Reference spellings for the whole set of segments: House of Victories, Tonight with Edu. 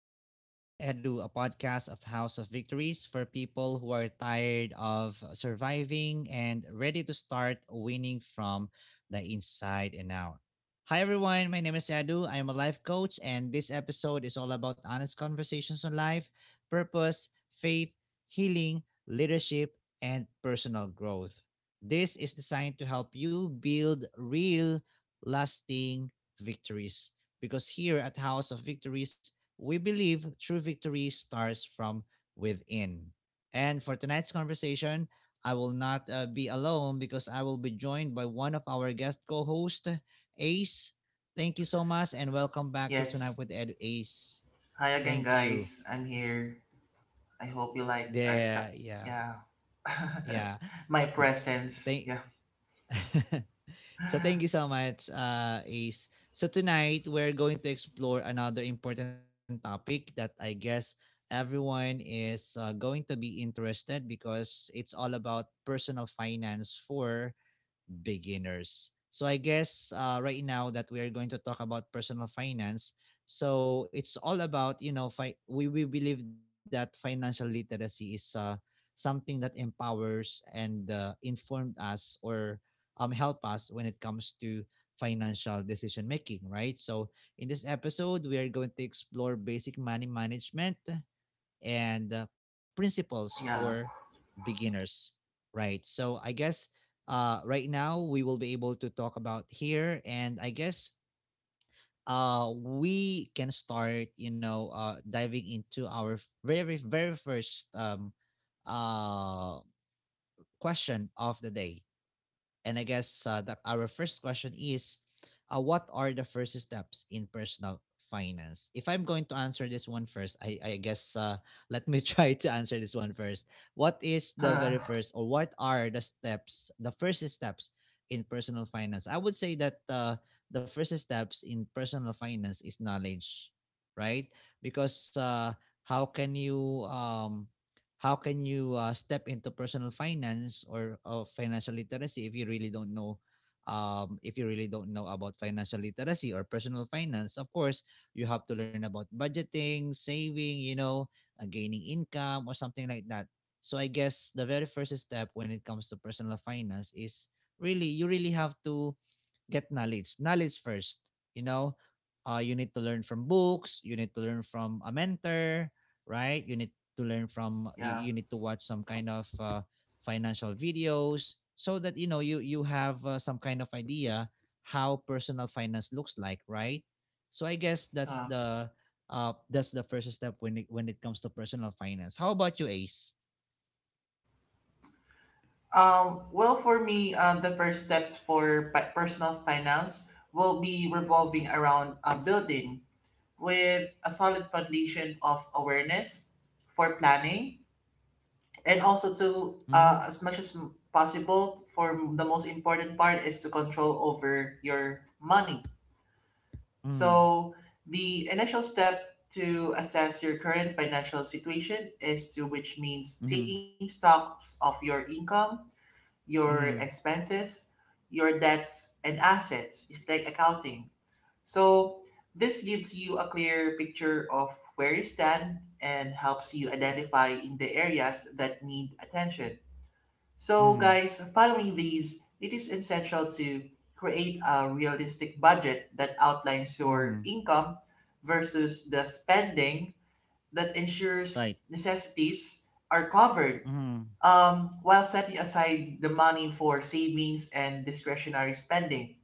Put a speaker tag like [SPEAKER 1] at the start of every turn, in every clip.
[SPEAKER 1] to Tonight with Edu, a podcast of House of Victories for people who are tired of surviving and ready to start winning from the inside and out. Hi, everyone. My name is Edu. I am a life coach, and this episode is all about honest conversations on life, purpose, faith, healing, leadership, and personal growth. This is designed to help you build real, lasting victories because here at House of Victories, we believe true victory starts from within. And for tonight's conversation, I will not be alone because I will be joined by one of our guest co hosts Ace. Thank you so much and welcome back to
[SPEAKER 2] Yes.
[SPEAKER 1] Tonight with Ed Ace.
[SPEAKER 2] Hi again,
[SPEAKER 1] Thank you.
[SPEAKER 2] guys. I'm here. I hope you like our
[SPEAKER 1] Yeah, yeah,
[SPEAKER 2] yeah,
[SPEAKER 1] yeah.
[SPEAKER 2] my presence.
[SPEAKER 1] Thank
[SPEAKER 2] Yeah,
[SPEAKER 1] So thank you so much, Ace. So tonight we're going to explore another important topic that I guess everyone is going to be interested because it's all about personal finance for beginners. So I guess right now that we are going to talk about personal finance, so it's all about we believe that financial literacy is something that empowers and informed us or help us when it comes to financial decision making, right? So in this episode, we are going to explore basic money management, and principles for
[SPEAKER 2] yeah
[SPEAKER 1] beginners, right? So I guess right now we will be able to talk about here, and I guess we can start diving into our very first uh, question of the day. And I guess our first question is what are the first steps in personal finance? If I'm going to answer this one first, I guess let me try to answer this one first. What is the very first, or what are the steps, the first steps in personal finance? I would say that the first steps in personal finance is knowledge, right? Because how can you um, how can you step into personal finance or financial literacy if you really don't know if you really don't know about financial literacy or personal finance. Of course you have to learn about budgeting, saving, you know, gaining income or something like that. So I guess the very first step when it comes to personal finance is really you really have to get knowledge. Knowledge first. You know, you need to learn from books. You need to learn from a mentor, right? You need to learn from. You,
[SPEAKER 2] yeah.
[SPEAKER 1] you need to watch some kind of financial videos so that you know you have some kind of idea how personal finance looks like, right? So I guess
[SPEAKER 2] Uh,
[SPEAKER 1] that's the first step when when it comes to personal finance. How about you, Ace?
[SPEAKER 2] Well, for me, the first steps for personal finance will be revolving around building with a solid foundation of awareness for planning, and also to
[SPEAKER 1] Mm-hmm.
[SPEAKER 2] as much as possible. For the most important part is to control over your money.
[SPEAKER 1] Mm-hmm.
[SPEAKER 2] So, the initial step to assess your current financial situation is to, which
[SPEAKER 1] Mm-hmm.
[SPEAKER 2] means taking stocks of your income, your expenses, your debts, and assets. It's like accounting. So, this gives you a clear picture of where you stand and helps you identify in the areas that need attention. So,
[SPEAKER 1] Mm-hmm.
[SPEAKER 2] guys, following these, it is essential to create a realistic budget that outlines your
[SPEAKER 1] Mm-hmm.
[SPEAKER 2] income versus the spending that
[SPEAKER 1] Right.
[SPEAKER 2] ensures necessities are covered,
[SPEAKER 1] Mm-hmm.
[SPEAKER 2] while setting aside the money for savings and discretionary spending.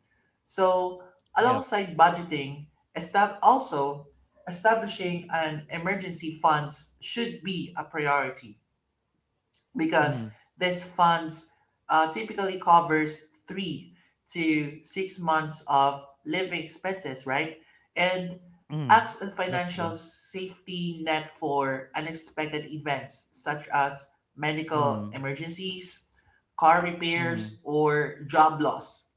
[SPEAKER 2] So,
[SPEAKER 1] Yep.
[SPEAKER 2] alongside budgeting, also establishing an emergency funds should be a priority
[SPEAKER 1] Mm-hmm.
[SPEAKER 2] because this funds typically covers 3 to 6 months of living expenses, right? And
[SPEAKER 1] Mm-hmm.
[SPEAKER 2] acts as
[SPEAKER 1] That's true.
[SPEAKER 2] financial safety net for unexpected events such as medical
[SPEAKER 1] Mm.
[SPEAKER 2] emergencies, car
[SPEAKER 1] Mm-hmm.
[SPEAKER 2] repairs, or job loss.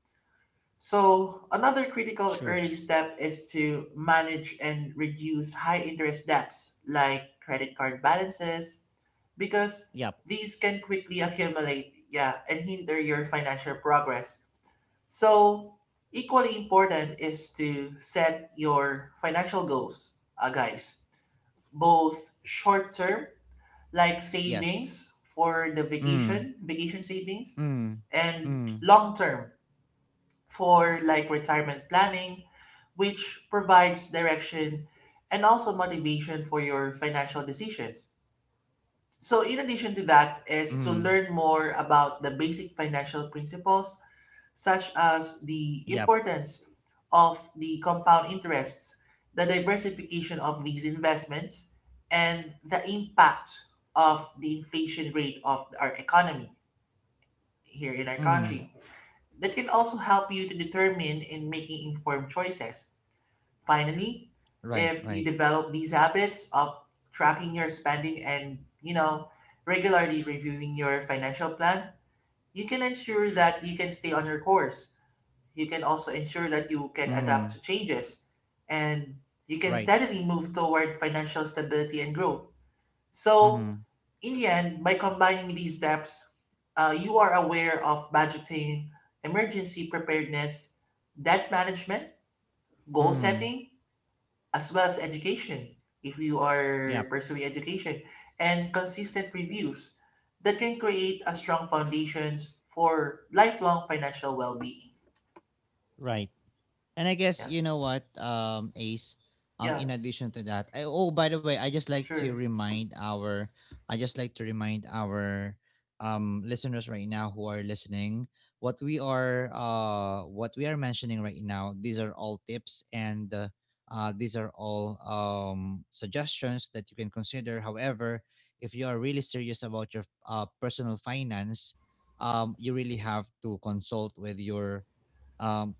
[SPEAKER 2] So, another critical
[SPEAKER 1] True.
[SPEAKER 2] early step is to manage and reduce high interest debts like credit card balances, because
[SPEAKER 1] Yep.
[SPEAKER 2] these can quickly accumulate, yeah, and hinder your financial progress. So, equally important is to set your financial goals, guys, both short term, like
[SPEAKER 1] Yes.
[SPEAKER 2] savings for the
[SPEAKER 1] Mm.
[SPEAKER 2] vacation, vacation savings,
[SPEAKER 1] Mm.
[SPEAKER 2] and
[SPEAKER 1] Mm.
[SPEAKER 2] long term for like retirement planning, which provides direction and also motivation for your financial decisions. So, in addition to that, is to
[SPEAKER 1] Mm.
[SPEAKER 2] learn more about the basic financial principles, such as the
[SPEAKER 1] Yep.
[SPEAKER 2] importance of the compound interests, the diversification of these investments, and the impact of the inflation rate of our economy here in our
[SPEAKER 1] Mm.
[SPEAKER 2] country. That can also help you to determine in making informed choices. Finally,
[SPEAKER 1] Right.
[SPEAKER 2] if you
[SPEAKER 1] Right.
[SPEAKER 2] develop these habits of tracking your spending and, you know, regularly reviewing your financial plan, you can ensure that you can stay on your course. You can also ensure that you can adapt
[SPEAKER 1] Mm.
[SPEAKER 2] to changes and you can
[SPEAKER 1] Right.
[SPEAKER 2] steadily move toward financial stability and growth. So,
[SPEAKER 1] Mm.
[SPEAKER 2] in the end, by combining these steps, you are aware of budgeting, emergency preparedness, debt management, goal
[SPEAKER 1] Mm.
[SPEAKER 2] setting, as well as education if you are
[SPEAKER 1] Yep.
[SPEAKER 2] pursuing education and consistent reviews that can create a strong foundations for lifelong financial well-being.
[SPEAKER 1] Right. And I guess
[SPEAKER 2] Yeah.
[SPEAKER 1] you know what, Ace.
[SPEAKER 2] Yeah.
[SPEAKER 1] In addition to that, I, oh by the way,
[SPEAKER 2] Sure.
[SPEAKER 1] I just like to remind our, listeners right now who are listening, what we are mentioning right now. These are all tips and, these are all suggestions that you can consider. However, if you are really serious about your personal finance, you really have to consult with your um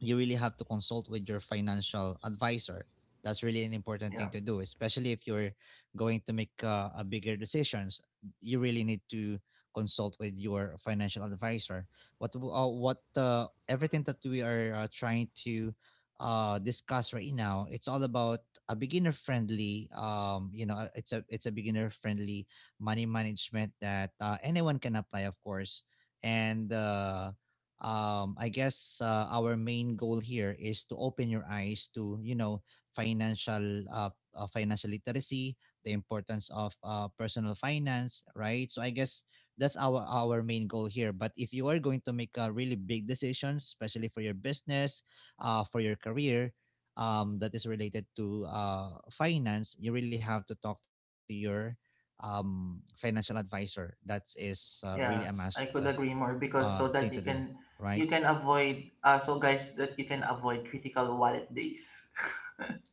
[SPEAKER 1] you really have to consult with your financial advisor. That's really an important
[SPEAKER 2] Yeah.
[SPEAKER 1] thing to do, especially if you're going to make a bigger decisions. You really need to consult with your financial advisor. What w- what Everything that we are trying to discuss right now, it's all about a beginner friendly. You know, it's a beginner friendly money management that anyone can apply, of course, and I guess our main goal here is to open your eyes to you know financial financial literacy, the importance of personal finance, right? So I guess that's our main goal here. But if you are going to make a really big decisions, especially for your business, for your career, that is related to finance, you really have to talk to your financial advisor. That is really a must
[SPEAKER 2] Yes, I could agree more, because so
[SPEAKER 1] thing to
[SPEAKER 2] that you
[SPEAKER 1] do,
[SPEAKER 2] can,
[SPEAKER 1] right?
[SPEAKER 2] you can avoid so guys, that you can avoid critical wallet days.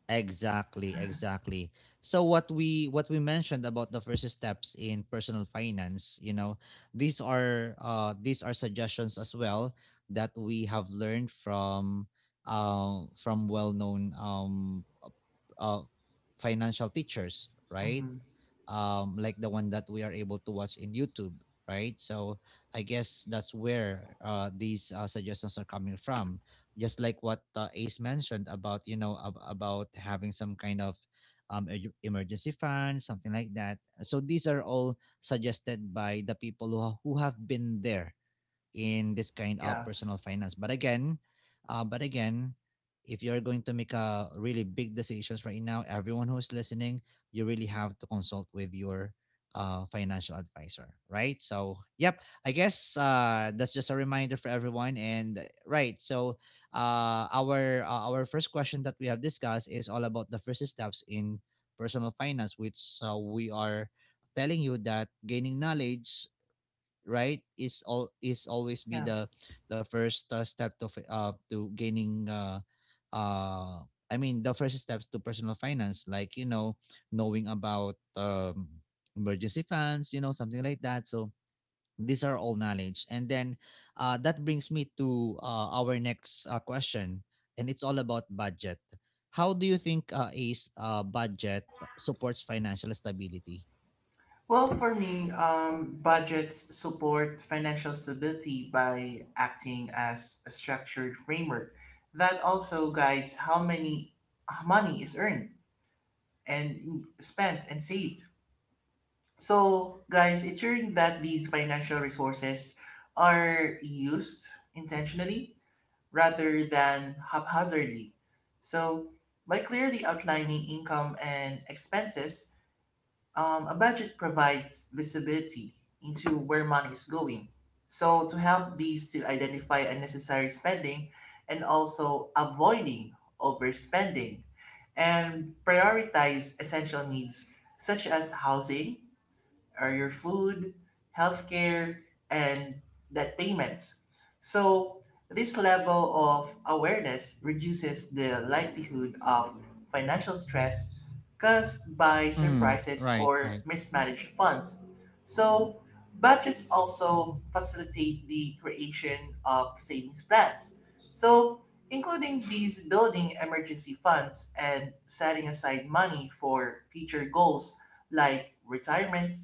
[SPEAKER 1] Exactly, exactly. So what we mentioned about the first steps in personal finance, you know, these are suggestions as well that we have learned from well-known uh, financial teachers, right?
[SPEAKER 2] Mm-hmm.
[SPEAKER 1] Um, like the one that we are able to watch in YouTube, right? So I guess that's where these suggestions are coming from, just like what Ace mentioned about you know about having some kind of emergency fund, something like that. So these are all suggested by the people who who have been there in this kind of
[SPEAKER 2] Yes.
[SPEAKER 1] personal finance. But again, uh, but again, if you're going to make a really big decisions right now, everyone who's listening, you really have to consult with your financial advisor, right? So, yep, I guess that's just a reminder for everyone. And right, so our first question that we have discussed is all about the first steps in personal finance, which we are telling you that gaining knowledge, right, is always be
[SPEAKER 2] Yeah.
[SPEAKER 1] the first step to gaining uh I mean the first steps to personal finance, like you know, knowing about emergency funds, you know, something like that. So these are all knowledge, and then that brings me to our next question, and it's all about budget. How do you think Ace, budget supports financial stability?
[SPEAKER 2] Well, for me, budgets support financial stability by acting as a structured framework that also guides how many money is earned and spent and saved. So, guys, ensuring that these financial resources are used intentionally rather than haphazardly. So, by clearly outlining income and expenses, a budget provides visibility into where money is going. So, to help these to identify unnecessary spending and also avoiding overspending and prioritize essential needs such as housing or your food, healthcare, and debt payments. So, this level of awareness reduces the likelihood of financial stress caused by surprises
[SPEAKER 1] Right, right,
[SPEAKER 2] or mismanaged funds. So, budgets also facilitate the creation of savings plans. So, including these building emergency funds and setting aside money for future goals like retirement,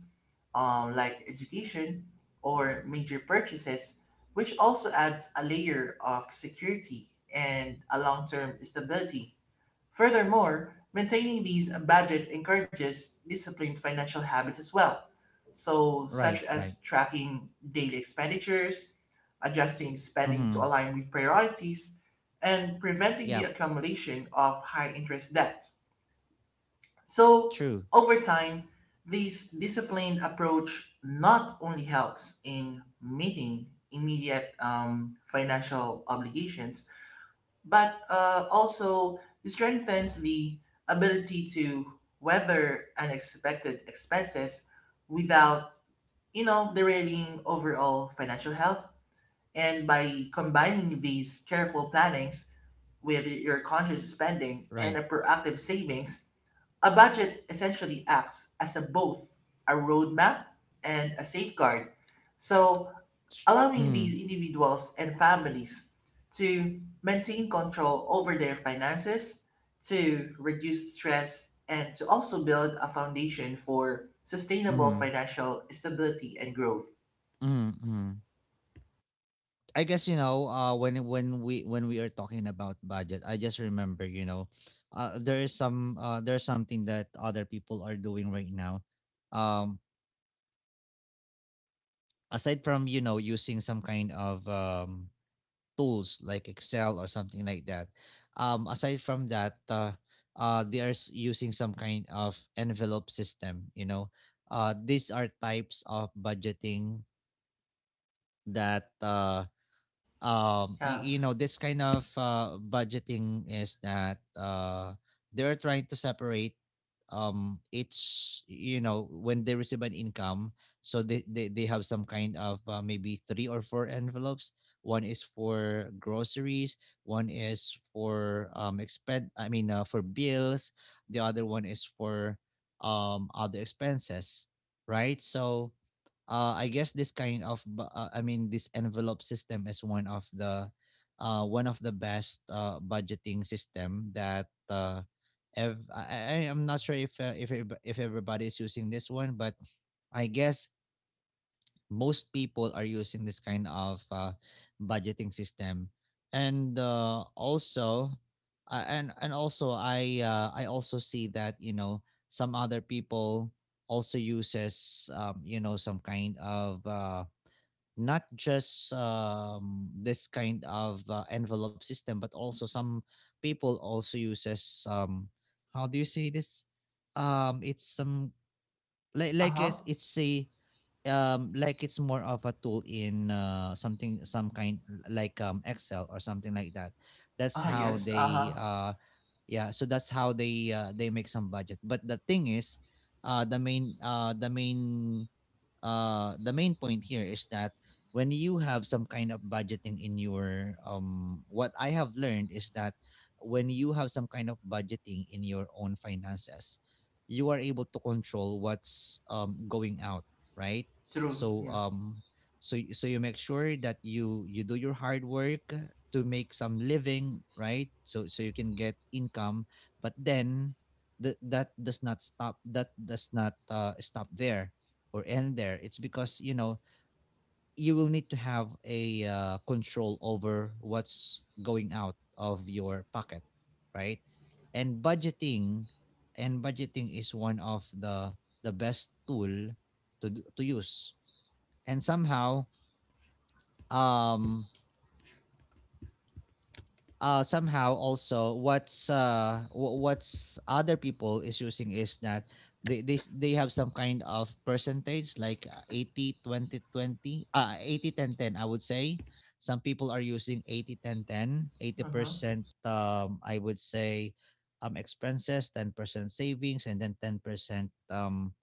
[SPEAKER 2] like education or major purchases, which also adds a layer of security and a long term stability. Furthermore, maintaining these budget encourages disciplined financial habits as well, so
[SPEAKER 1] right,
[SPEAKER 2] such
[SPEAKER 1] right.
[SPEAKER 2] as tracking daily expenditures, adjusting spending to
[SPEAKER 1] Mm-hmm.
[SPEAKER 2] align with priorities, and preventing
[SPEAKER 1] Yeah,
[SPEAKER 2] the accumulation of high interest debt. So,
[SPEAKER 1] true.
[SPEAKER 2] over time, this disciplined approach not only helps in meeting immediate financial obligations, but also strengthens the ability to weather unexpected expenses without, you know, derailing overall financial health. And by combining these careful plannings with your conscious spending and
[SPEAKER 1] Right.
[SPEAKER 2] a proactive savings, a budget essentially acts as a both a roadmap and a safeguard. So, allowing these
[SPEAKER 1] Mm.
[SPEAKER 2] individuals and families to maintain control over their finances, to reduce stress, and to also build a foundation for sustainable
[SPEAKER 1] Mm.
[SPEAKER 2] financial stability and growth.
[SPEAKER 1] Mm. Mm. I guess you know when when we are talking about budget, I just remember you know there is some there's something that other people are doing right now. Um, aside from you know using some kind of tools like Excel or something like that. Aside from that, they are using some kind of envelope system. You know, these are types of budgeting that uh you know
[SPEAKER 2] Yes.
[SPEAKER 1] this kind of budgeting is that they're trying to separate it's you know when they receive an income, so they have some kind of maybe three or four envelopes. One is for groceries, one is for expend I mean for bills, the other one is for other expenses, right? So I guess this kind of this envelope system is one of the best budgeting system that I am not sure if if everybody is using this one, but I guess most people are using this kind of budgeting system, and also and also I also see that you know some other people also uses you know some kind of not just this kind of envelope system, but also some people also uses how do you say this, um it's some
[SPEAKER 2] Uh-huh. Uh huh.
[SPEAKER 1] it's a like it's more of a tool in some kind like Excel or something like that. That's
[SPEAKER 2] Oh,
[SPEAKER 1] how
[SPEAKER 2] yes. Uh
[SPEAKER 1] they
[SPEAKER 2] huh.
[SPEAKER 1] yeah so that's how they make some budget. But the thing is uh the main uh the main the main point here is that when you have some kind of budgeting in your what I have learned is that when you have some kind of budgeting in your own finances, you are able to control what's going out, right?
[SPEAKER 2] True.
[SPEAKER 1] So
[SPEAKER 2] Yeah.
[SPEAKER 1] so so you make sure that you do your hard work to make some living, right? So so you can get income, but then that that does not stop, that does not stop there or end there. It's because you know you will need to have a control over what's going out of your pocket, right? And budgeting, and budgeting is one of the best tool to to use. And somehow, um somehow also what's what's other people is using is that they have some kind of percentage like 80 twenty twenty 80, 10, 10. I would say some people are using 80
[SPEAKER 2] Uh huh.
[SPEAKER 1] 80% I would say, expenses 10% savings, and then 10%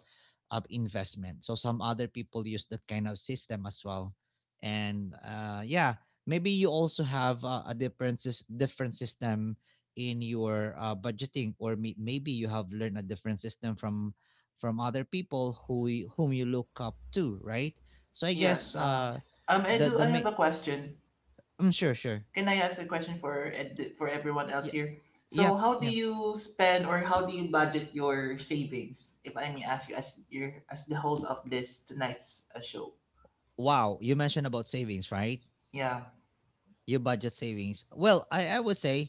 [SPEAKER 1] of investment. So some other people use that kind of system as well. And yeah, maybe you also have a different system in your budgeting, or maybe you have learned a different system from other people whom you look up to, right? So I
[SPEAKER 2] Yes.
[SPEAKER 1] guess
[SPEAKER 2] Uh huh. I
[SPEAKER 1] the
[SPEAKER 2] do.
[SPEAKER 1] the
[SPEAKER 2] I have
[SPEAKER 1] ma-
[SPEAKER 2] a question.
[SPEAKER 1] I'm sure.
[SPEAKER 2] Can I ask a question for for everyone else
[SPEAKER 1] Yeah.
[SPEAKER 2] here? So,
[SPEAKER 1] Yep,
[SPEAKER 2] how do
[SPEAKER 1] yep.
[SPEAKER 2] you spend or how do you budget your savings? If I may ask you, as your, as the host of this tonight's show,
[SPEAKER 1] Wow, you mentioned about savings, right?
[SPEAKER 2] yeah,
[SPEAKER 1] Your budget savings. Well, I would say,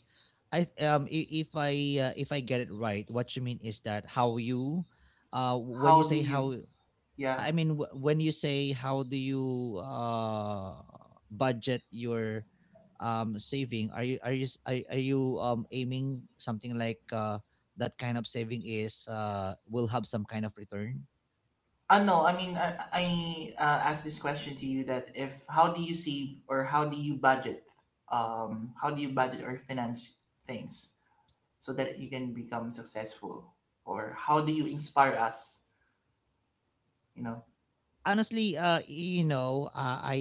[SPEAKER 1] if I get it right, what you mean is that how you, when you
[SPEAKER 2] how do
[SPEAKER 1] say
[SPEAKER 2] you?
[SPEAKER 1] how.
[SPEAKER 2] Yeah,
[SPEAKER 1] I mean, when you say, how do you budget your saving? Are are you aiming something like, that kind of saving is will have some kind of return?
[SPEAKER 2] no, I mean, I asked this question to you that if how do you save or how do you budget? How do you budget or finance things so that you can become successful? Or how do you inspire us? You know,
[SPEAKER 1] Honestly, I,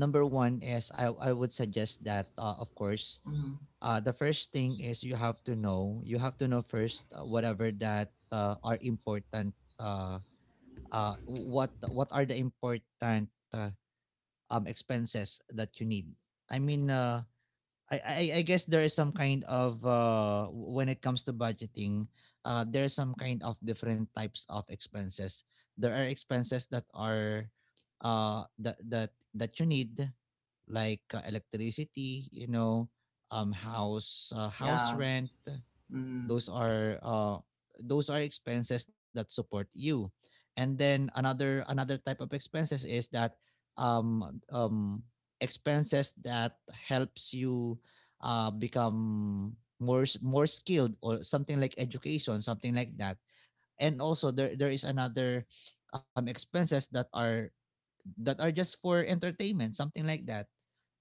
[SPEAKER 1] number one is I would suggest that, of course,
[SPEAKER 2] mm,
[SPEAKER 1] the first thing is, you have to know, first, whatever that are important, what are the important, uh, expenses that you need. I mean, I guess there is some kind of, when it comes to budgeting, there are some kind of different types of expenses. There are expenses that are, that you need, like electricity, you know, house
[SPEAKER 2] yeah,
[SPEAKER 1] rent.
[SPEAKER 2] mm,
[SPEAKER 1] Those are those are expenses that support you. And then another type of expenses is that, um um expenses that helps you become more skilled, or something like education, something like that. And also there is another expenses that are, that are just for entertainment, something like that.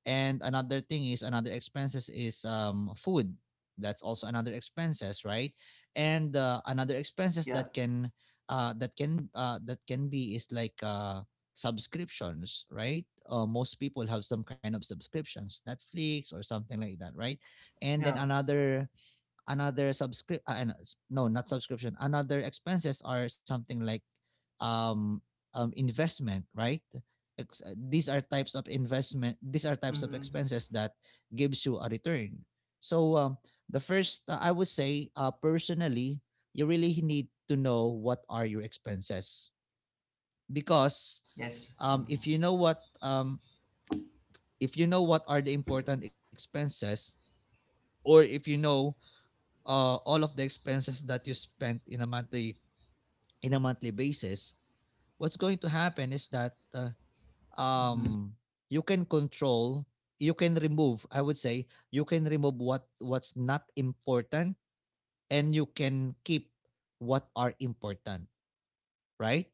[SPEAKER 1] And another thing is, another expenses is food. That's also another expenses, right? And another expenses
[SPEAKER 2] yeah.
[SPEAKER 1] that can that can be, is like subscriptions, right? Most people have some kind of subscriptions, Netflix or something like that, right? And then
[SPEAKER 2] Yeah.
[SPEAKER 1] another subscrip no, not subscription, another expenses are something like, um, investment, right? These are types of investment, these are types of
[SPEAKER 2] Mm-hmm.
[SPEAKER 1] expenses that gives you a return. So the first, I would say, personally, you really need to know what are your expenses, because
[SPEAKER 2] Yes.
[SPEAKER 1] if you know what, if you know what are the important expenses, or if you know all of the expenses that you spent in a monthly, in a monthly basis, what's going to happen is that,
[SPEAKER 2] Mhm.
[SPEAKER 1] um, you can control, you can remove. I would say you can remove what's not important, and you can keep what are important. Right?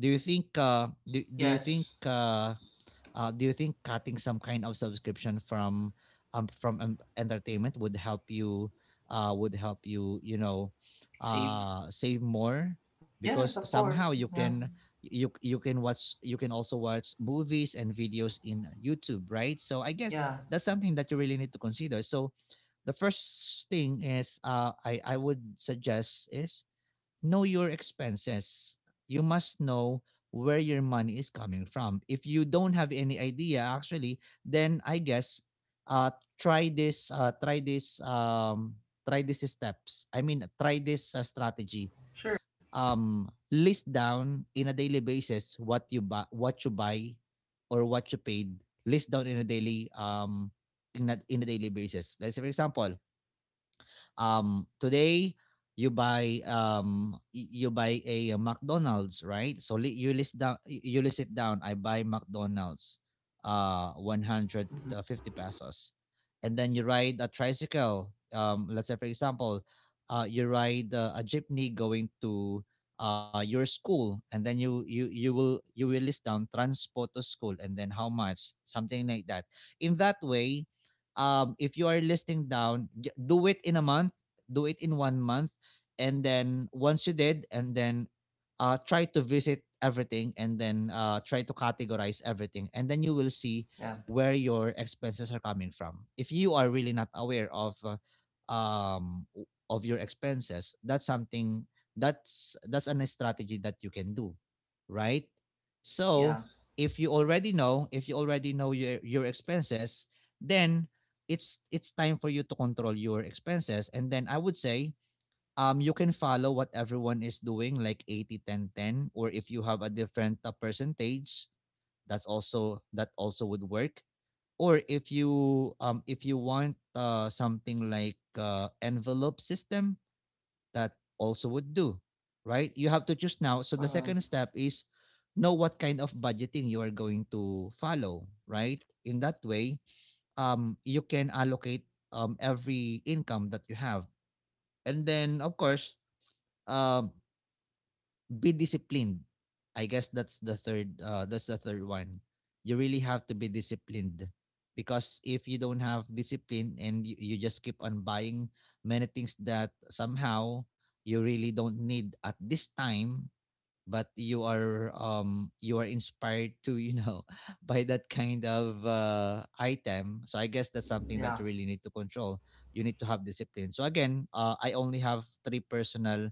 [SPEAKER 1] Do you think,
[SPEAKER 2] Yes.
[SPEAKER 1] Do you think, cutting some kind of subscription from entertainment would help you, would help you, you know,
[SPEAKER 2] Safe.
[SPEAKER 1] save more, because
[SPEAKER 2] Yes, of
[SPEAKER 1] somehow you
[SPEAKER 2] course.
[SPEAKER 1] can,
[SPEAKER 2] Yeah.
[SPEAKER 1] you can watch, you can also watch movies and videos in YouTube, right? So I guess
[SPEAKER 2] Yeah.
[SPEAKER 1] that's something that you really need to consider. So the first thing is, I would suggest, is know your expenses. You must know where your money is coming from. If you don't have any idea, actually, then I guess, uh try this, try these steps. I mean, try this, strategy.
[SPEAKER 2] Sure.
[SPEAKER 1] List down in a daily basis what you buy, or what you paid. List down in a daily, in a daily basis. Let's say, for example, today you buy, you buy a, McDonald's, right? You list down, you list it down. I buy McDonald's, 150 pesos. And then you ride a tricycle. Let's say, for example, you ride a jeepney going to your school, and then you will list down transport to school, and then how much, something like that. In that way, if you are listing down, do it in a month, do it in one month, and then once you did, and then, try to visit everything, and then, try to categorize everything, and then you will see
[SPEAKER 2] Yeah.
[SPEAKER 1] where your expenses are coming from. If you are really not aware of, of your expenses, that's something, that's an strategy that you can do, right? So
[SPEAKER 2] Yeah.
[SPEAKER 1] if you already know, if you already know your expenses, then it's time for you to control your expenses. And then I would say, you can follow what everyone is doing, like 80-10-10, or if you have a different, percentage, that also would work. Or if you, if you want, something like, envelope system, that also would do, right? You have to choose. Now, so the
[SPEAKER 2] Uh,
[SPEAKER 1] second step is, know what kind of budgeting you are going to follow, right? In that way, you can allocate, every income that you have. And then, of course, um, be disciplined. I guess that's the third. That's the third one. You really have to be disciplined, because if you don't have discipline, and you just keep on buying many things that somehow you really don't need at this time, but you are, you are inspired to, you know, by that kind of, item. So I guess that's something that
[SPEAKER 2] yeah.
[SPEAKER 1] you really need to control. You need to have discipline. So again, I only have three personal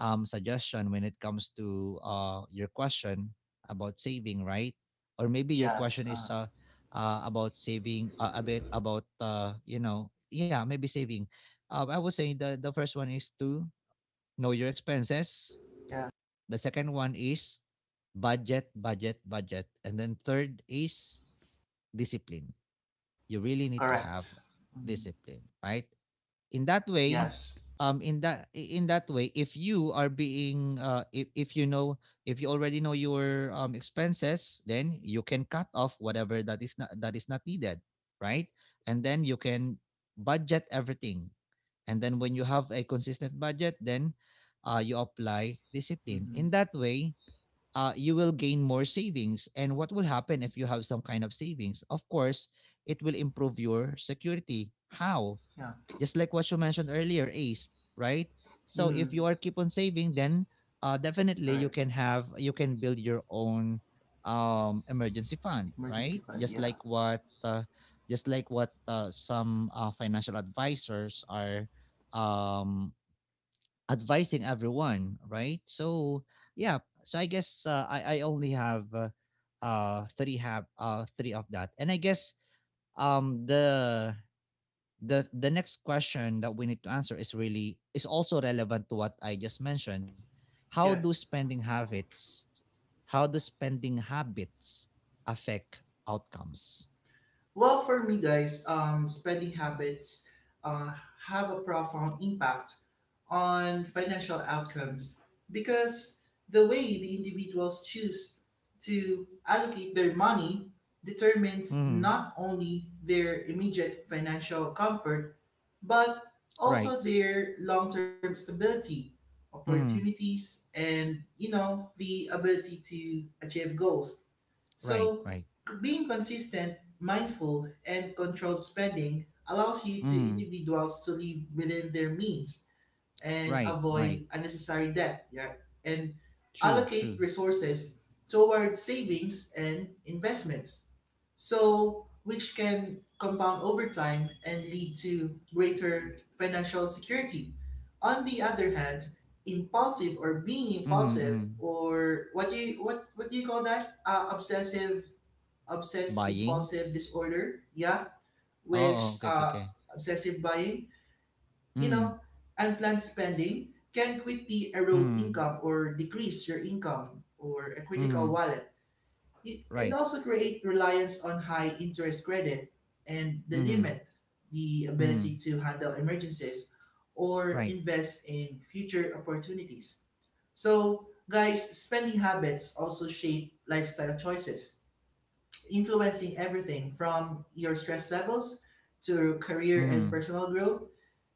[SPEAKER 1] suggestion when it comes to your question about saving, right? Or maybe your
[SPEAKER 2] Yes.
[SPEAKER 1] question is, about saving, a bit about, yeah, maybe saving. I would say, the first one is to know your expenses.
[SPEAKER 2] Yeah.
[SPEAKER 1] The second one is budget, budget, budget. And then third is discipline. You really need to have
[SPEAKER 2] Correct. Mm.
[SPEAKER 1] discipline, right? In that way,
[SPEAKER 2] Yes.
[SPEAKER 1] in that way, if you are being, if you know, if you already know your, expenses, then you can cut off whatever that is not, needed, right? And then you can budget everything. And then when you have a consistent budget, then, you apply discipline. In
[SPEAKER 2] Mm-hmm.
[SPEAKER 1] that way, you will gain more savings. And what will happen if you have some kind of savings? Of course, it will improve your security. How?
[SPEAKER 2] Yeah.
[SPEAKER 1] Just like what you mentioned earlier, Ace, right? So if you
[SPEAKER 2] Mm.
[SPEAKER 1] are keep on saving, then, definitely
[SPEAKER 2] All
[SPEAKER 1] you
[SPEAKER 2] right.
[SPEAKER 1] can have, you can build your own, emergency fund,
[SPEAKER 2] Emergency
[SPEAKER 1] right?
[SPEAKER 2] plan.
[SPEAKER 1] Just
[SPEAKER 2] Yeah.
[SPEAKER 1] like what, just like what, some, financial advisors are, um, advising everyone, right? So yeah, so I guess, I only have, three of that. And I guess, um the the next question that we need to answer is really is also relevant to what I just mentioned. How do
[SPEAKER 2] Yeah.
[SPEAKER 1] spending habits, how do spending habits affect outcomes?
[SPEAKER 2] Well, for me, guys, spending habits uh, have a profound impact on financial outcomes because the way the individuals choose to allocate their money determines
[SPEAKER 1] Mm,
[SPEAKER 2] not only their immediate financial comfort but
[SPEAKER 1] right.
[SPEAKER 2] also their long-term stability,
[SPEAKER 1] Mm,
[SPEAKER 2] opportunities, and you know, the ability to achieve goals.
[SPEAKER 1] right.
[SPEAKER 2] So,
[SPEAKER 1] Right.
[SPEAKER 2] being consistent, mindful, and controlled spending allows you to
[SPEAKER 1] Mm,
[SPEAKER 2] individuals to live within their means and
[SPEAKER 1] right. Right.
[SPEAKER 2] avoid unnecessary debt, yeah, and
[SPEAKER 1] True.
[SPEAKER 2] allocate
[SPEAKER 1] True.
[SPEAKER 2] resources toward savings and investments. So, which can compound over time and lead to greater financial security. On the other hand, impulsive, or being
[SPEAKER 1] Mm,
[SPEAKER 2] impulsive,
[SPEAKER 1] mm.
[SPEAKER 2] or what do you, what do you call that? Obsessive, obsess
[SPEAKER 1] Buying.
[SPEAKER 2] impulsive disorder, yeah,
[SPEAKER 1] Oo,
[SPEAKER 2] which
[SPEAKER 1] okay, okay, okay.
[SPEAKER 2] obsessive buying, you
[SPEAKER 1] Mm,
[SPEAKER 2] know, unplanned spending can quickly erode
[SPEAKER 1] mm,
[SPEAKER 2] income or decrease your income or a critical
[SPEAKER 1] mhm.
[SPEAKER 2] wallet. Y- and
[SPEAKER 1] Right.
[SPEAKER 2] also create reliance on high interest credit and the
[SPEAKER 1] Mhm,
[SPEAKER 2] limit the ability
[SPEAKER 1] mhm.
[SPEAKER 2] to handle emergencies or
[SPEAKER 1] Right.
[SPEAKER 2] invest in future opportunities. So, guys, spending habits also shape lifestyle choices, influencing everything from your stress levels to career and
[SPEAKER 1] Mhm.
[SPEAKER 2] personal growth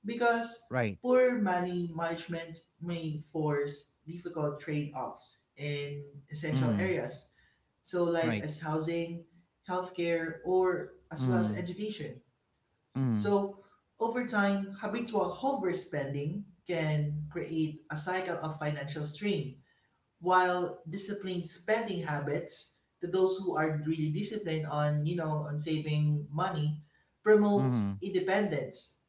[SPEAKER 2] because
[SPEAKER 1] Right.
[SPEAKER 2] poor money management may force difficult trade-offs in essential
[SPEAKER 1] Mm.
[SPEAKER 2] areas so like
[SPEAKER 1] Right.
[SPEAKER 2] as housing, healthcare, or as well as
[SPEAKER 1] Mm,
[SPEAKER 2] education.
[SPEAKER 1] mm,
[SPEAKER 2] So over time, habitual overspending can create a cycle of financial strain while disciplined spending habits to those who are really disciplined on, you know, on saving money promotes
[SPEAKER 1] mhm.
[SPEAKER 2] independence,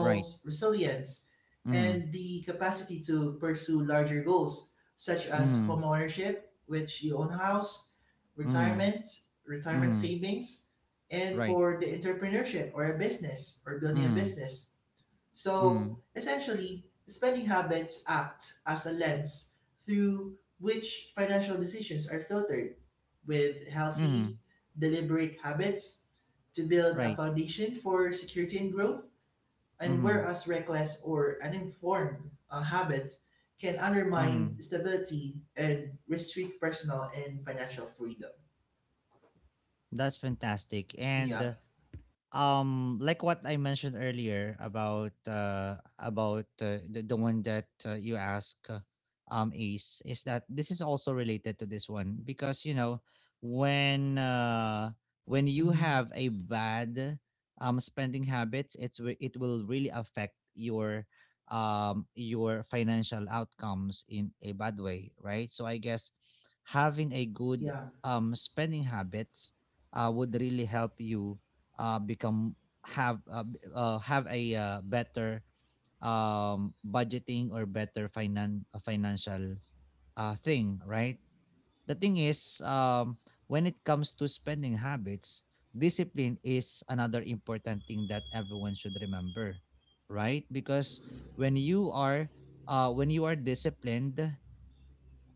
[SPEAKER 1] Right.
[SPEAKER 2] resilience
[SPEAKER 1] Mhm,
[SPEAKER 2] and the capacity to pursue larger goals such as
[SPEAKER 1] mhm,
[SPEAKER 2] home ownership, which you own a house,
[SPEAKER 1] mhm,
[SPEAKER 2] retirement, retirement
[SPEAKER 1] mhm.
[SPEAKER 2] savings, and
[SPEAKER 1] Right.
[SPEAKER 2] for the entrepreneurship or a business or building a
[SPEAKER 1] Mm,
[SPEAKER 2] business.
[SPEAKER 1] mm,
[SPEAKER 2] So essentially, spending habits act as a lens through which financial decisions are filtered, with healthy,
[SPEAKER 1] mhm.
[SPEAKER 2] deliberate habits to build a
[SPEAKER 1] Right.
[SPEAKER 2] foundation for security and growth, and
[SPEAKER 1] Mhm,
[SPEAKER 2] whereas reckless or uninformed habits can undermine
[SPEAKER 1] mhm.
[SPEAKER 2] stability and restrict personal and financial freedom.
[SPEAKER 1] That's fantastic. And,
[SPEAKER 2] Yeah.
[SPEAKER 1] like what I mentioned earlier about, the one that, you ask, Ace, is that this is also related to this one, because you know, when uh when you
[SPEAKER 2] Mm-hmm.
[SPEAKER 1] have a bad, spending habits, it will really affect your, your financial outcomes in a bad way, right? So I guess having a good,
[SPEAKER 2] Yeah.
[SPEAKER 1] spending habits, would really help you, become, have, have a, better, budgeting, or better, financial, thing, right? The thing is, when it comes to spending habits, discipline is another important thing that everyone should remember, right? Because when you are, when you are disciplined,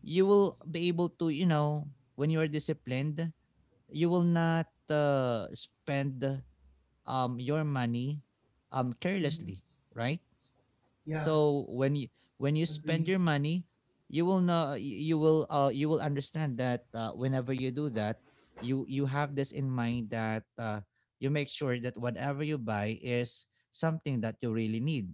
[SPEAKER 1] you will be able to, you know, when you are disciplined, you will not, spend your money
[SPEAKER 2] Mm-hmm.
[SPEAKER 1] carelessly, right?
[SPEAKER 2] Yeah.
[SPEAKER 1] So when you, when you spend
[SPEAKER 2] Agree.
[SPEAKER 1] your money, you will know, you will, you will understand that, whenever you do that, you have this in mind that, you make sure that whatever you buy is something that you really need,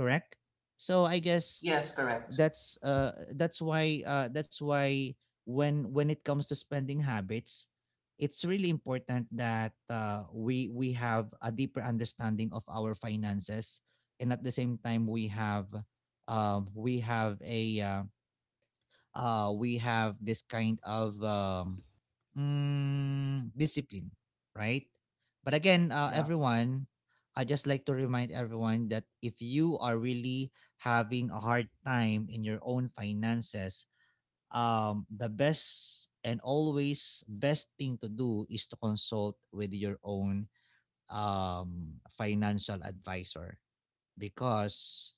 [SPEAKER 1] correct? So I guess
[SPEAKER 2] Yes, correct.
[SPEAKER 1] that's why, that's why, when it comes to spending habits, it's really important that, we have a deeper understanding of our finances, and at the same time we have, we have a, we have this kind of, discipline, right? But again,
[SPEAKER 2] Yeah.
[SPEAKER 1] everyone, I just like to remind everyone that if you are really having a hard time in your own finances, the best and always best thing to do is to consult with your own financial advisor because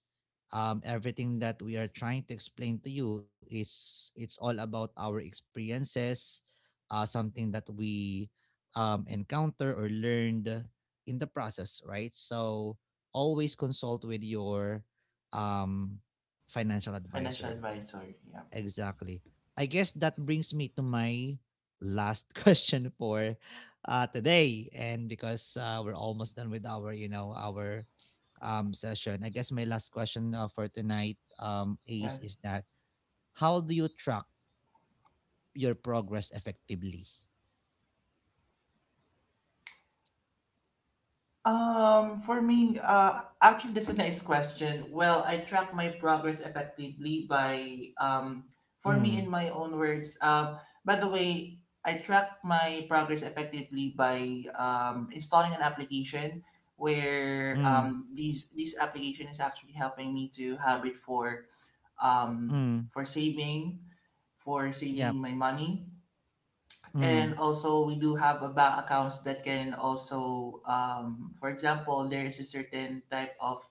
[SPEAKER 1] everything that we are trying to explain to you is it's all about our experiences, something that we encounter or learned in the process, right? So always consult with your um, financial
[SPEAKER 2] Financial
[SPEAKER 1] advisor.
[SPEAKER 2] advisor. Yeah.
[SPEAKER 1] Exactly. I guess that brings me to my last question for today, and because we're almost done with our session. I guess my last question for tonight, Ace,
[SPEAKER 2] Yeah.
[SPEAKER 1] is that how do you track your progress effectively?
[SPEAKER 2] For me, actually, that's a nice question. Well, I track my progress effectively by, for me,
[SPEAKER 1] Mm,
[SPEAKER 2] in my own words, by the way, I track my progress effectively by installing an application where
[SPEAKER 1] mm,
[SPEAKER 2] these this application is actually helping me to have it um,
[SPEAKER 1] mm,
[SPEAKER 2] for saving, for
[SPEAKER 1] yep,
[SPEAKER 2] saving my money. And
[SPEAKER 1] mm,
[SPEAKER 2] also we do have a bank accounts that can also for example there is a certain type of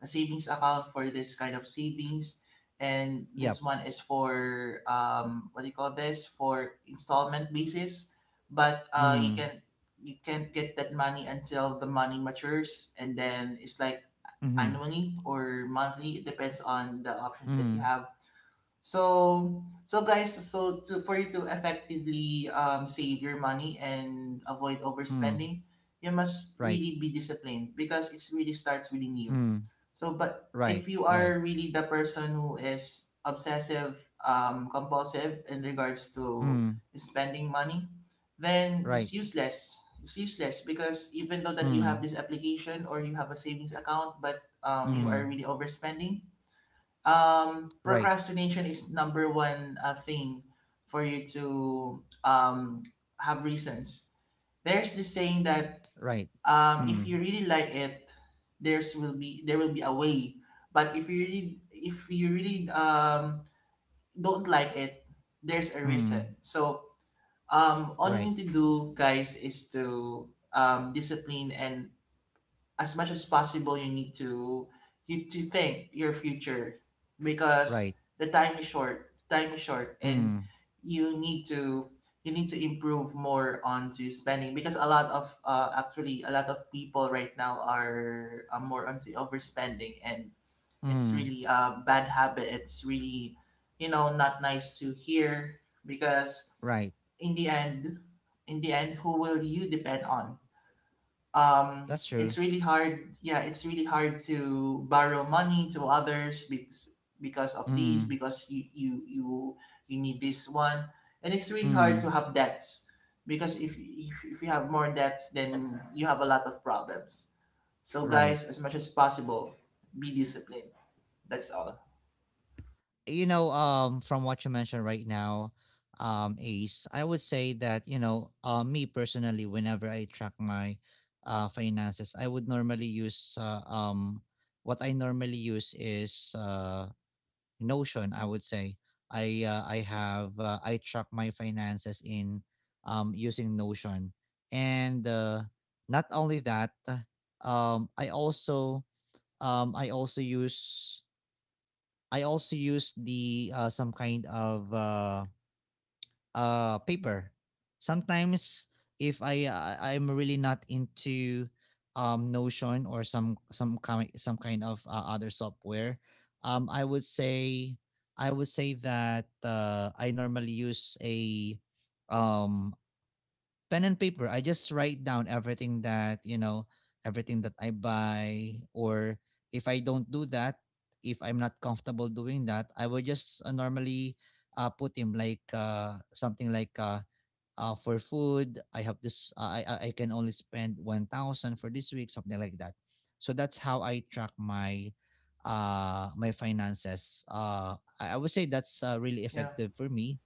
[SPEAKER 2] a savings account for this kind of savings and this
[SPEAKER 1] yep,
[SPEAKER 2] one is for what do you call this, for installment basis, but you
[SPEAKER 1] mm,
[SPEAKER 2] can, you can't get that money until the money matures and then it's like
[SPEAKER 1] mm-hmm,
[SPEAKER 2] annually or monthly, it depends on the options that you
[SPEAKER 1] mm,
[SPEAKER 2] have. So, so guys, so to for you to effectively save your money and avoid
[SPEAKER 1] mm,
[SPEAKER 2] overspending, you must
[SPEAKER 1] right,
[SPEAKER 2] really be disciplined because it really starts within you.
[SPEAKER 1] mm,
[SPEAKER 2] So, but
[SPEAKER 1] right,
[SPEAKER 2] if you
[SPEAKER 1] right,
[SPEAKER 2] are really the person who is obsessive, compulsive in regards to
[SPEAKER 1] mm,
[SPEAKER 2] spending money, then
[SPEAKER 1] right,
[SPEAKER 2] it's useless. It's useless because even though that you have
[SPEAKER 1] mm,
[SPEAKER 2] this application or you have a savings account, but you are
[SPEAKER 1] mm,
[SPEAKER 2] really overspending.
[SPEAKER 1] right,
[SPEAKER 2] Procrastination is number one thing for you to have reasons. There's this saying that
[SPEAKER 1] right, mm.
[SPEAKER 2] if you really like it, there will be a way. But if you really, if you really don't like it, there's a
[SPEAKER 1] Mm.
[SPEAKER 2] reason. So all you
[SPEAKER 1] Right,
[SPEAKER 2] need to do, guys, is to discipline and as much as possible you need to, you to think your future
[SPEAKER 1] right,
[SPEAKER 2] because the time is short, the time is short and
[SPEAKER 1] mm.
[SPEAKER 2] you need to, you need to improve more on to spending because a lot of actually a lot of people right now are more onto overspending and it's
[SPEAKER 1] Mm.
[SPEAKER 2] really a bad habit, it's really, you know, not nice to hear because
[SPEAKER 1] Right.
[SPEAKER 2] in the end, in the end who will you depend on.
[SPEAKER 1] That's true.
[SPEAKER 2] It's really hard, yeah, it's really hard to borrow money to others because of these,
[SPEAKER 1] Mm.
[SPEAKER 2] because you you need this one and it's really hard
[SPEAKER 1] Mm.
[SPEAKER 2] to have debts because if you have more debts then you have a lot of problems. So
[SPEAKER 1] Right.
[SPEAKER 2] guys, as much as possible, be disciplined, that's all.
[SPEAKER 1] You know, from what you mentioned right now, Ace, I would say that, you know, me personally, whenever I track my finances, I would normally use, what I normally use is Notion, I would say. I have I track my finances in using Notion. And not only that um i also I also use, I also use the some kind of paper. Sometimes if I'm really not into Notion or some kind of other software, I would say, I would say that I normally use a um pen and paper. I just write down everything that, you know, everything that I buy. Or if I don't do that, if I'm not comfortable doing that, I will just normally put him like something like for food, I have this, uh, I I can only spend 1,000 for this week, something like that. So that's how I track my finances. I would say that's really
[SPEAKER 2] Yeah.
[SPEAKER 1] effective for me.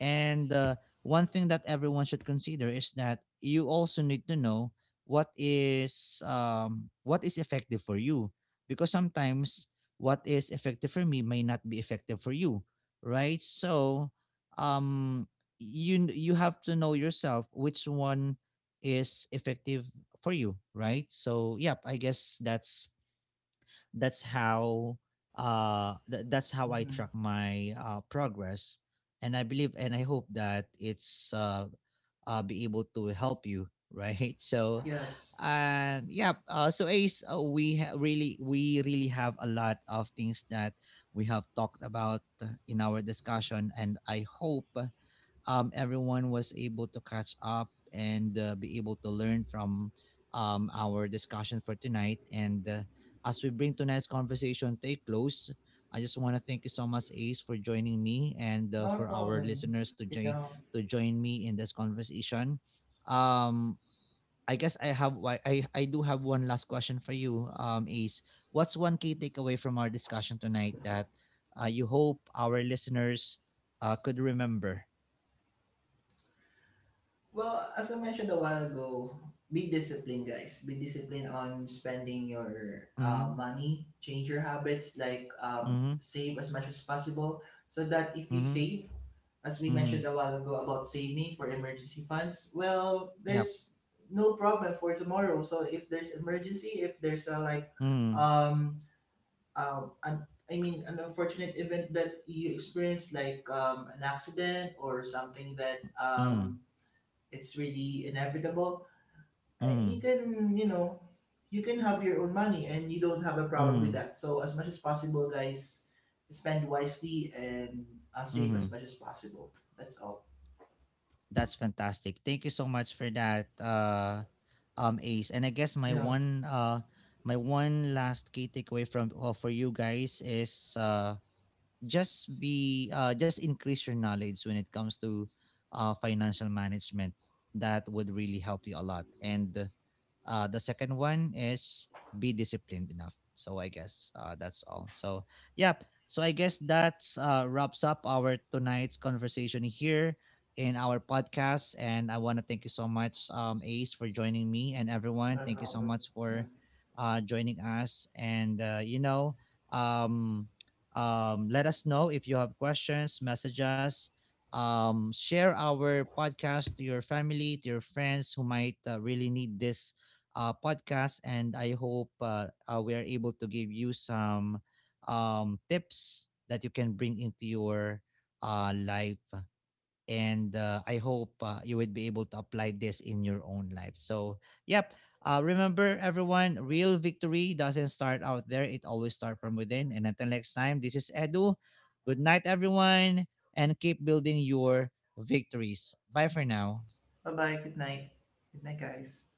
[SPEAKER 1] And one thing that everyone should consider is that you also need to know what is effective for you, because sometimes what is effective for me may not be effective for you, right? So um, you have to know yourself which one is effective for you, right? So yep, I guess that's how that's how I
[SPEAKER 2] Hmm.
[SPEAKER 1] track my progress. And I believe and I hope that it's be able to help you, right? So,
[SPEAKER 2] Yes.
[SPEAKER 1] and yeah, so Ace, really we really have a lot of things that we have talked about in our discussion. And I hope everyone was able to catch up and be able to learn from our discussion for tonight. And as we bring tonight's conversation to a close, I just want to thank you so much, Ace, for joining me, and
[SPEAKER 2] Not a
[SPEAKER 1] for our
[SPEAKER 2] problem.
[SPEAKER 1] listeners to
[SPEAKER 2] Yeah.
[SPEAKER 1] join, to join me in this conversation. Um, I guess I do have one last question for you, Ace. What's one key takeaway from our discussion tonight that you hope our listeners could remember?
[SPEAKER 2] Well, as I mentioned a while ago, be disciplined, guys. Be disciplined on spending your
[SPEAKER 1] Mhm.
[SPEAKER 2] money. Change your habits, like
[SPEAKER 1] Mhm,
[SPEAKER 2] save as much as possible, so that if you
[SPEAKER 1] mhm,
[SPEAKER 2] save, as we
[SPEAKER 1] mhm.
[SPEAKER 2] mentioned a while ago about saving for emergency funds, well,
[SPEAKER 1] Yep.
[SPEAKER 2] there's no problem for tomorrow. So if there's emergency, if there's a like,
[SPEAKER 1] Mhm,
[SPEAKER 2] um, um, an, I mean, an unfortunate event that you experience, like an accident or something that
[SPEAKER 1] mhm,
[SPEAKER 2] it's really inevitable. You
[SPEAKER 1] mhm,
[SPEAKER 2] can, you know, you can have your own money and you don't have a problem with
[SPEAKER 1] mhm,
[SPEAKER 2] that. So as much as possible, guys, spend wisely and save as
[SPEAKER 1] mhm.
[SPEAKER 2] much as possible. That's all.
[SPEAKER 1] That's fantastic. Thank you so much for that, Ace. And I guess
[SPEAKER 2] Yeah,
[SPEAKER 1] my one last key takeaway from for you guys is just be just increase your knowledge when it comes to financial management. That would really help you a lot. And the second one is be disciplined enough. So I guess that's all. So yep. So I guess that's wraps up our tonight's conversation here in our podcast. And I want to thank you so much, Ace, for joining me and everyone.
[SPEAKER 2] no
[SPEAKER 1] Thank you so
[SPEAKER 2] problem.
[SPEAKER 1] much
[SPEAKER 2] Yeah.
[SPEAKER 1] for joining us. And you know, um, let us know if you have questions. Message us, share our podcast to your family, to your friends who might really need this podcast. And I hope we are able to give you some tips that you can bring into your life. And I hope you would be able to apply this in your own life. So, yep. Remember, everyone, real victory doesn't start out there. It always starts from within. And until next time, this is Edu. Good night, everyone, and keep building your victories. Bye for now.
[SPEAKER 2] Bye bye. Good night. Good night, guys.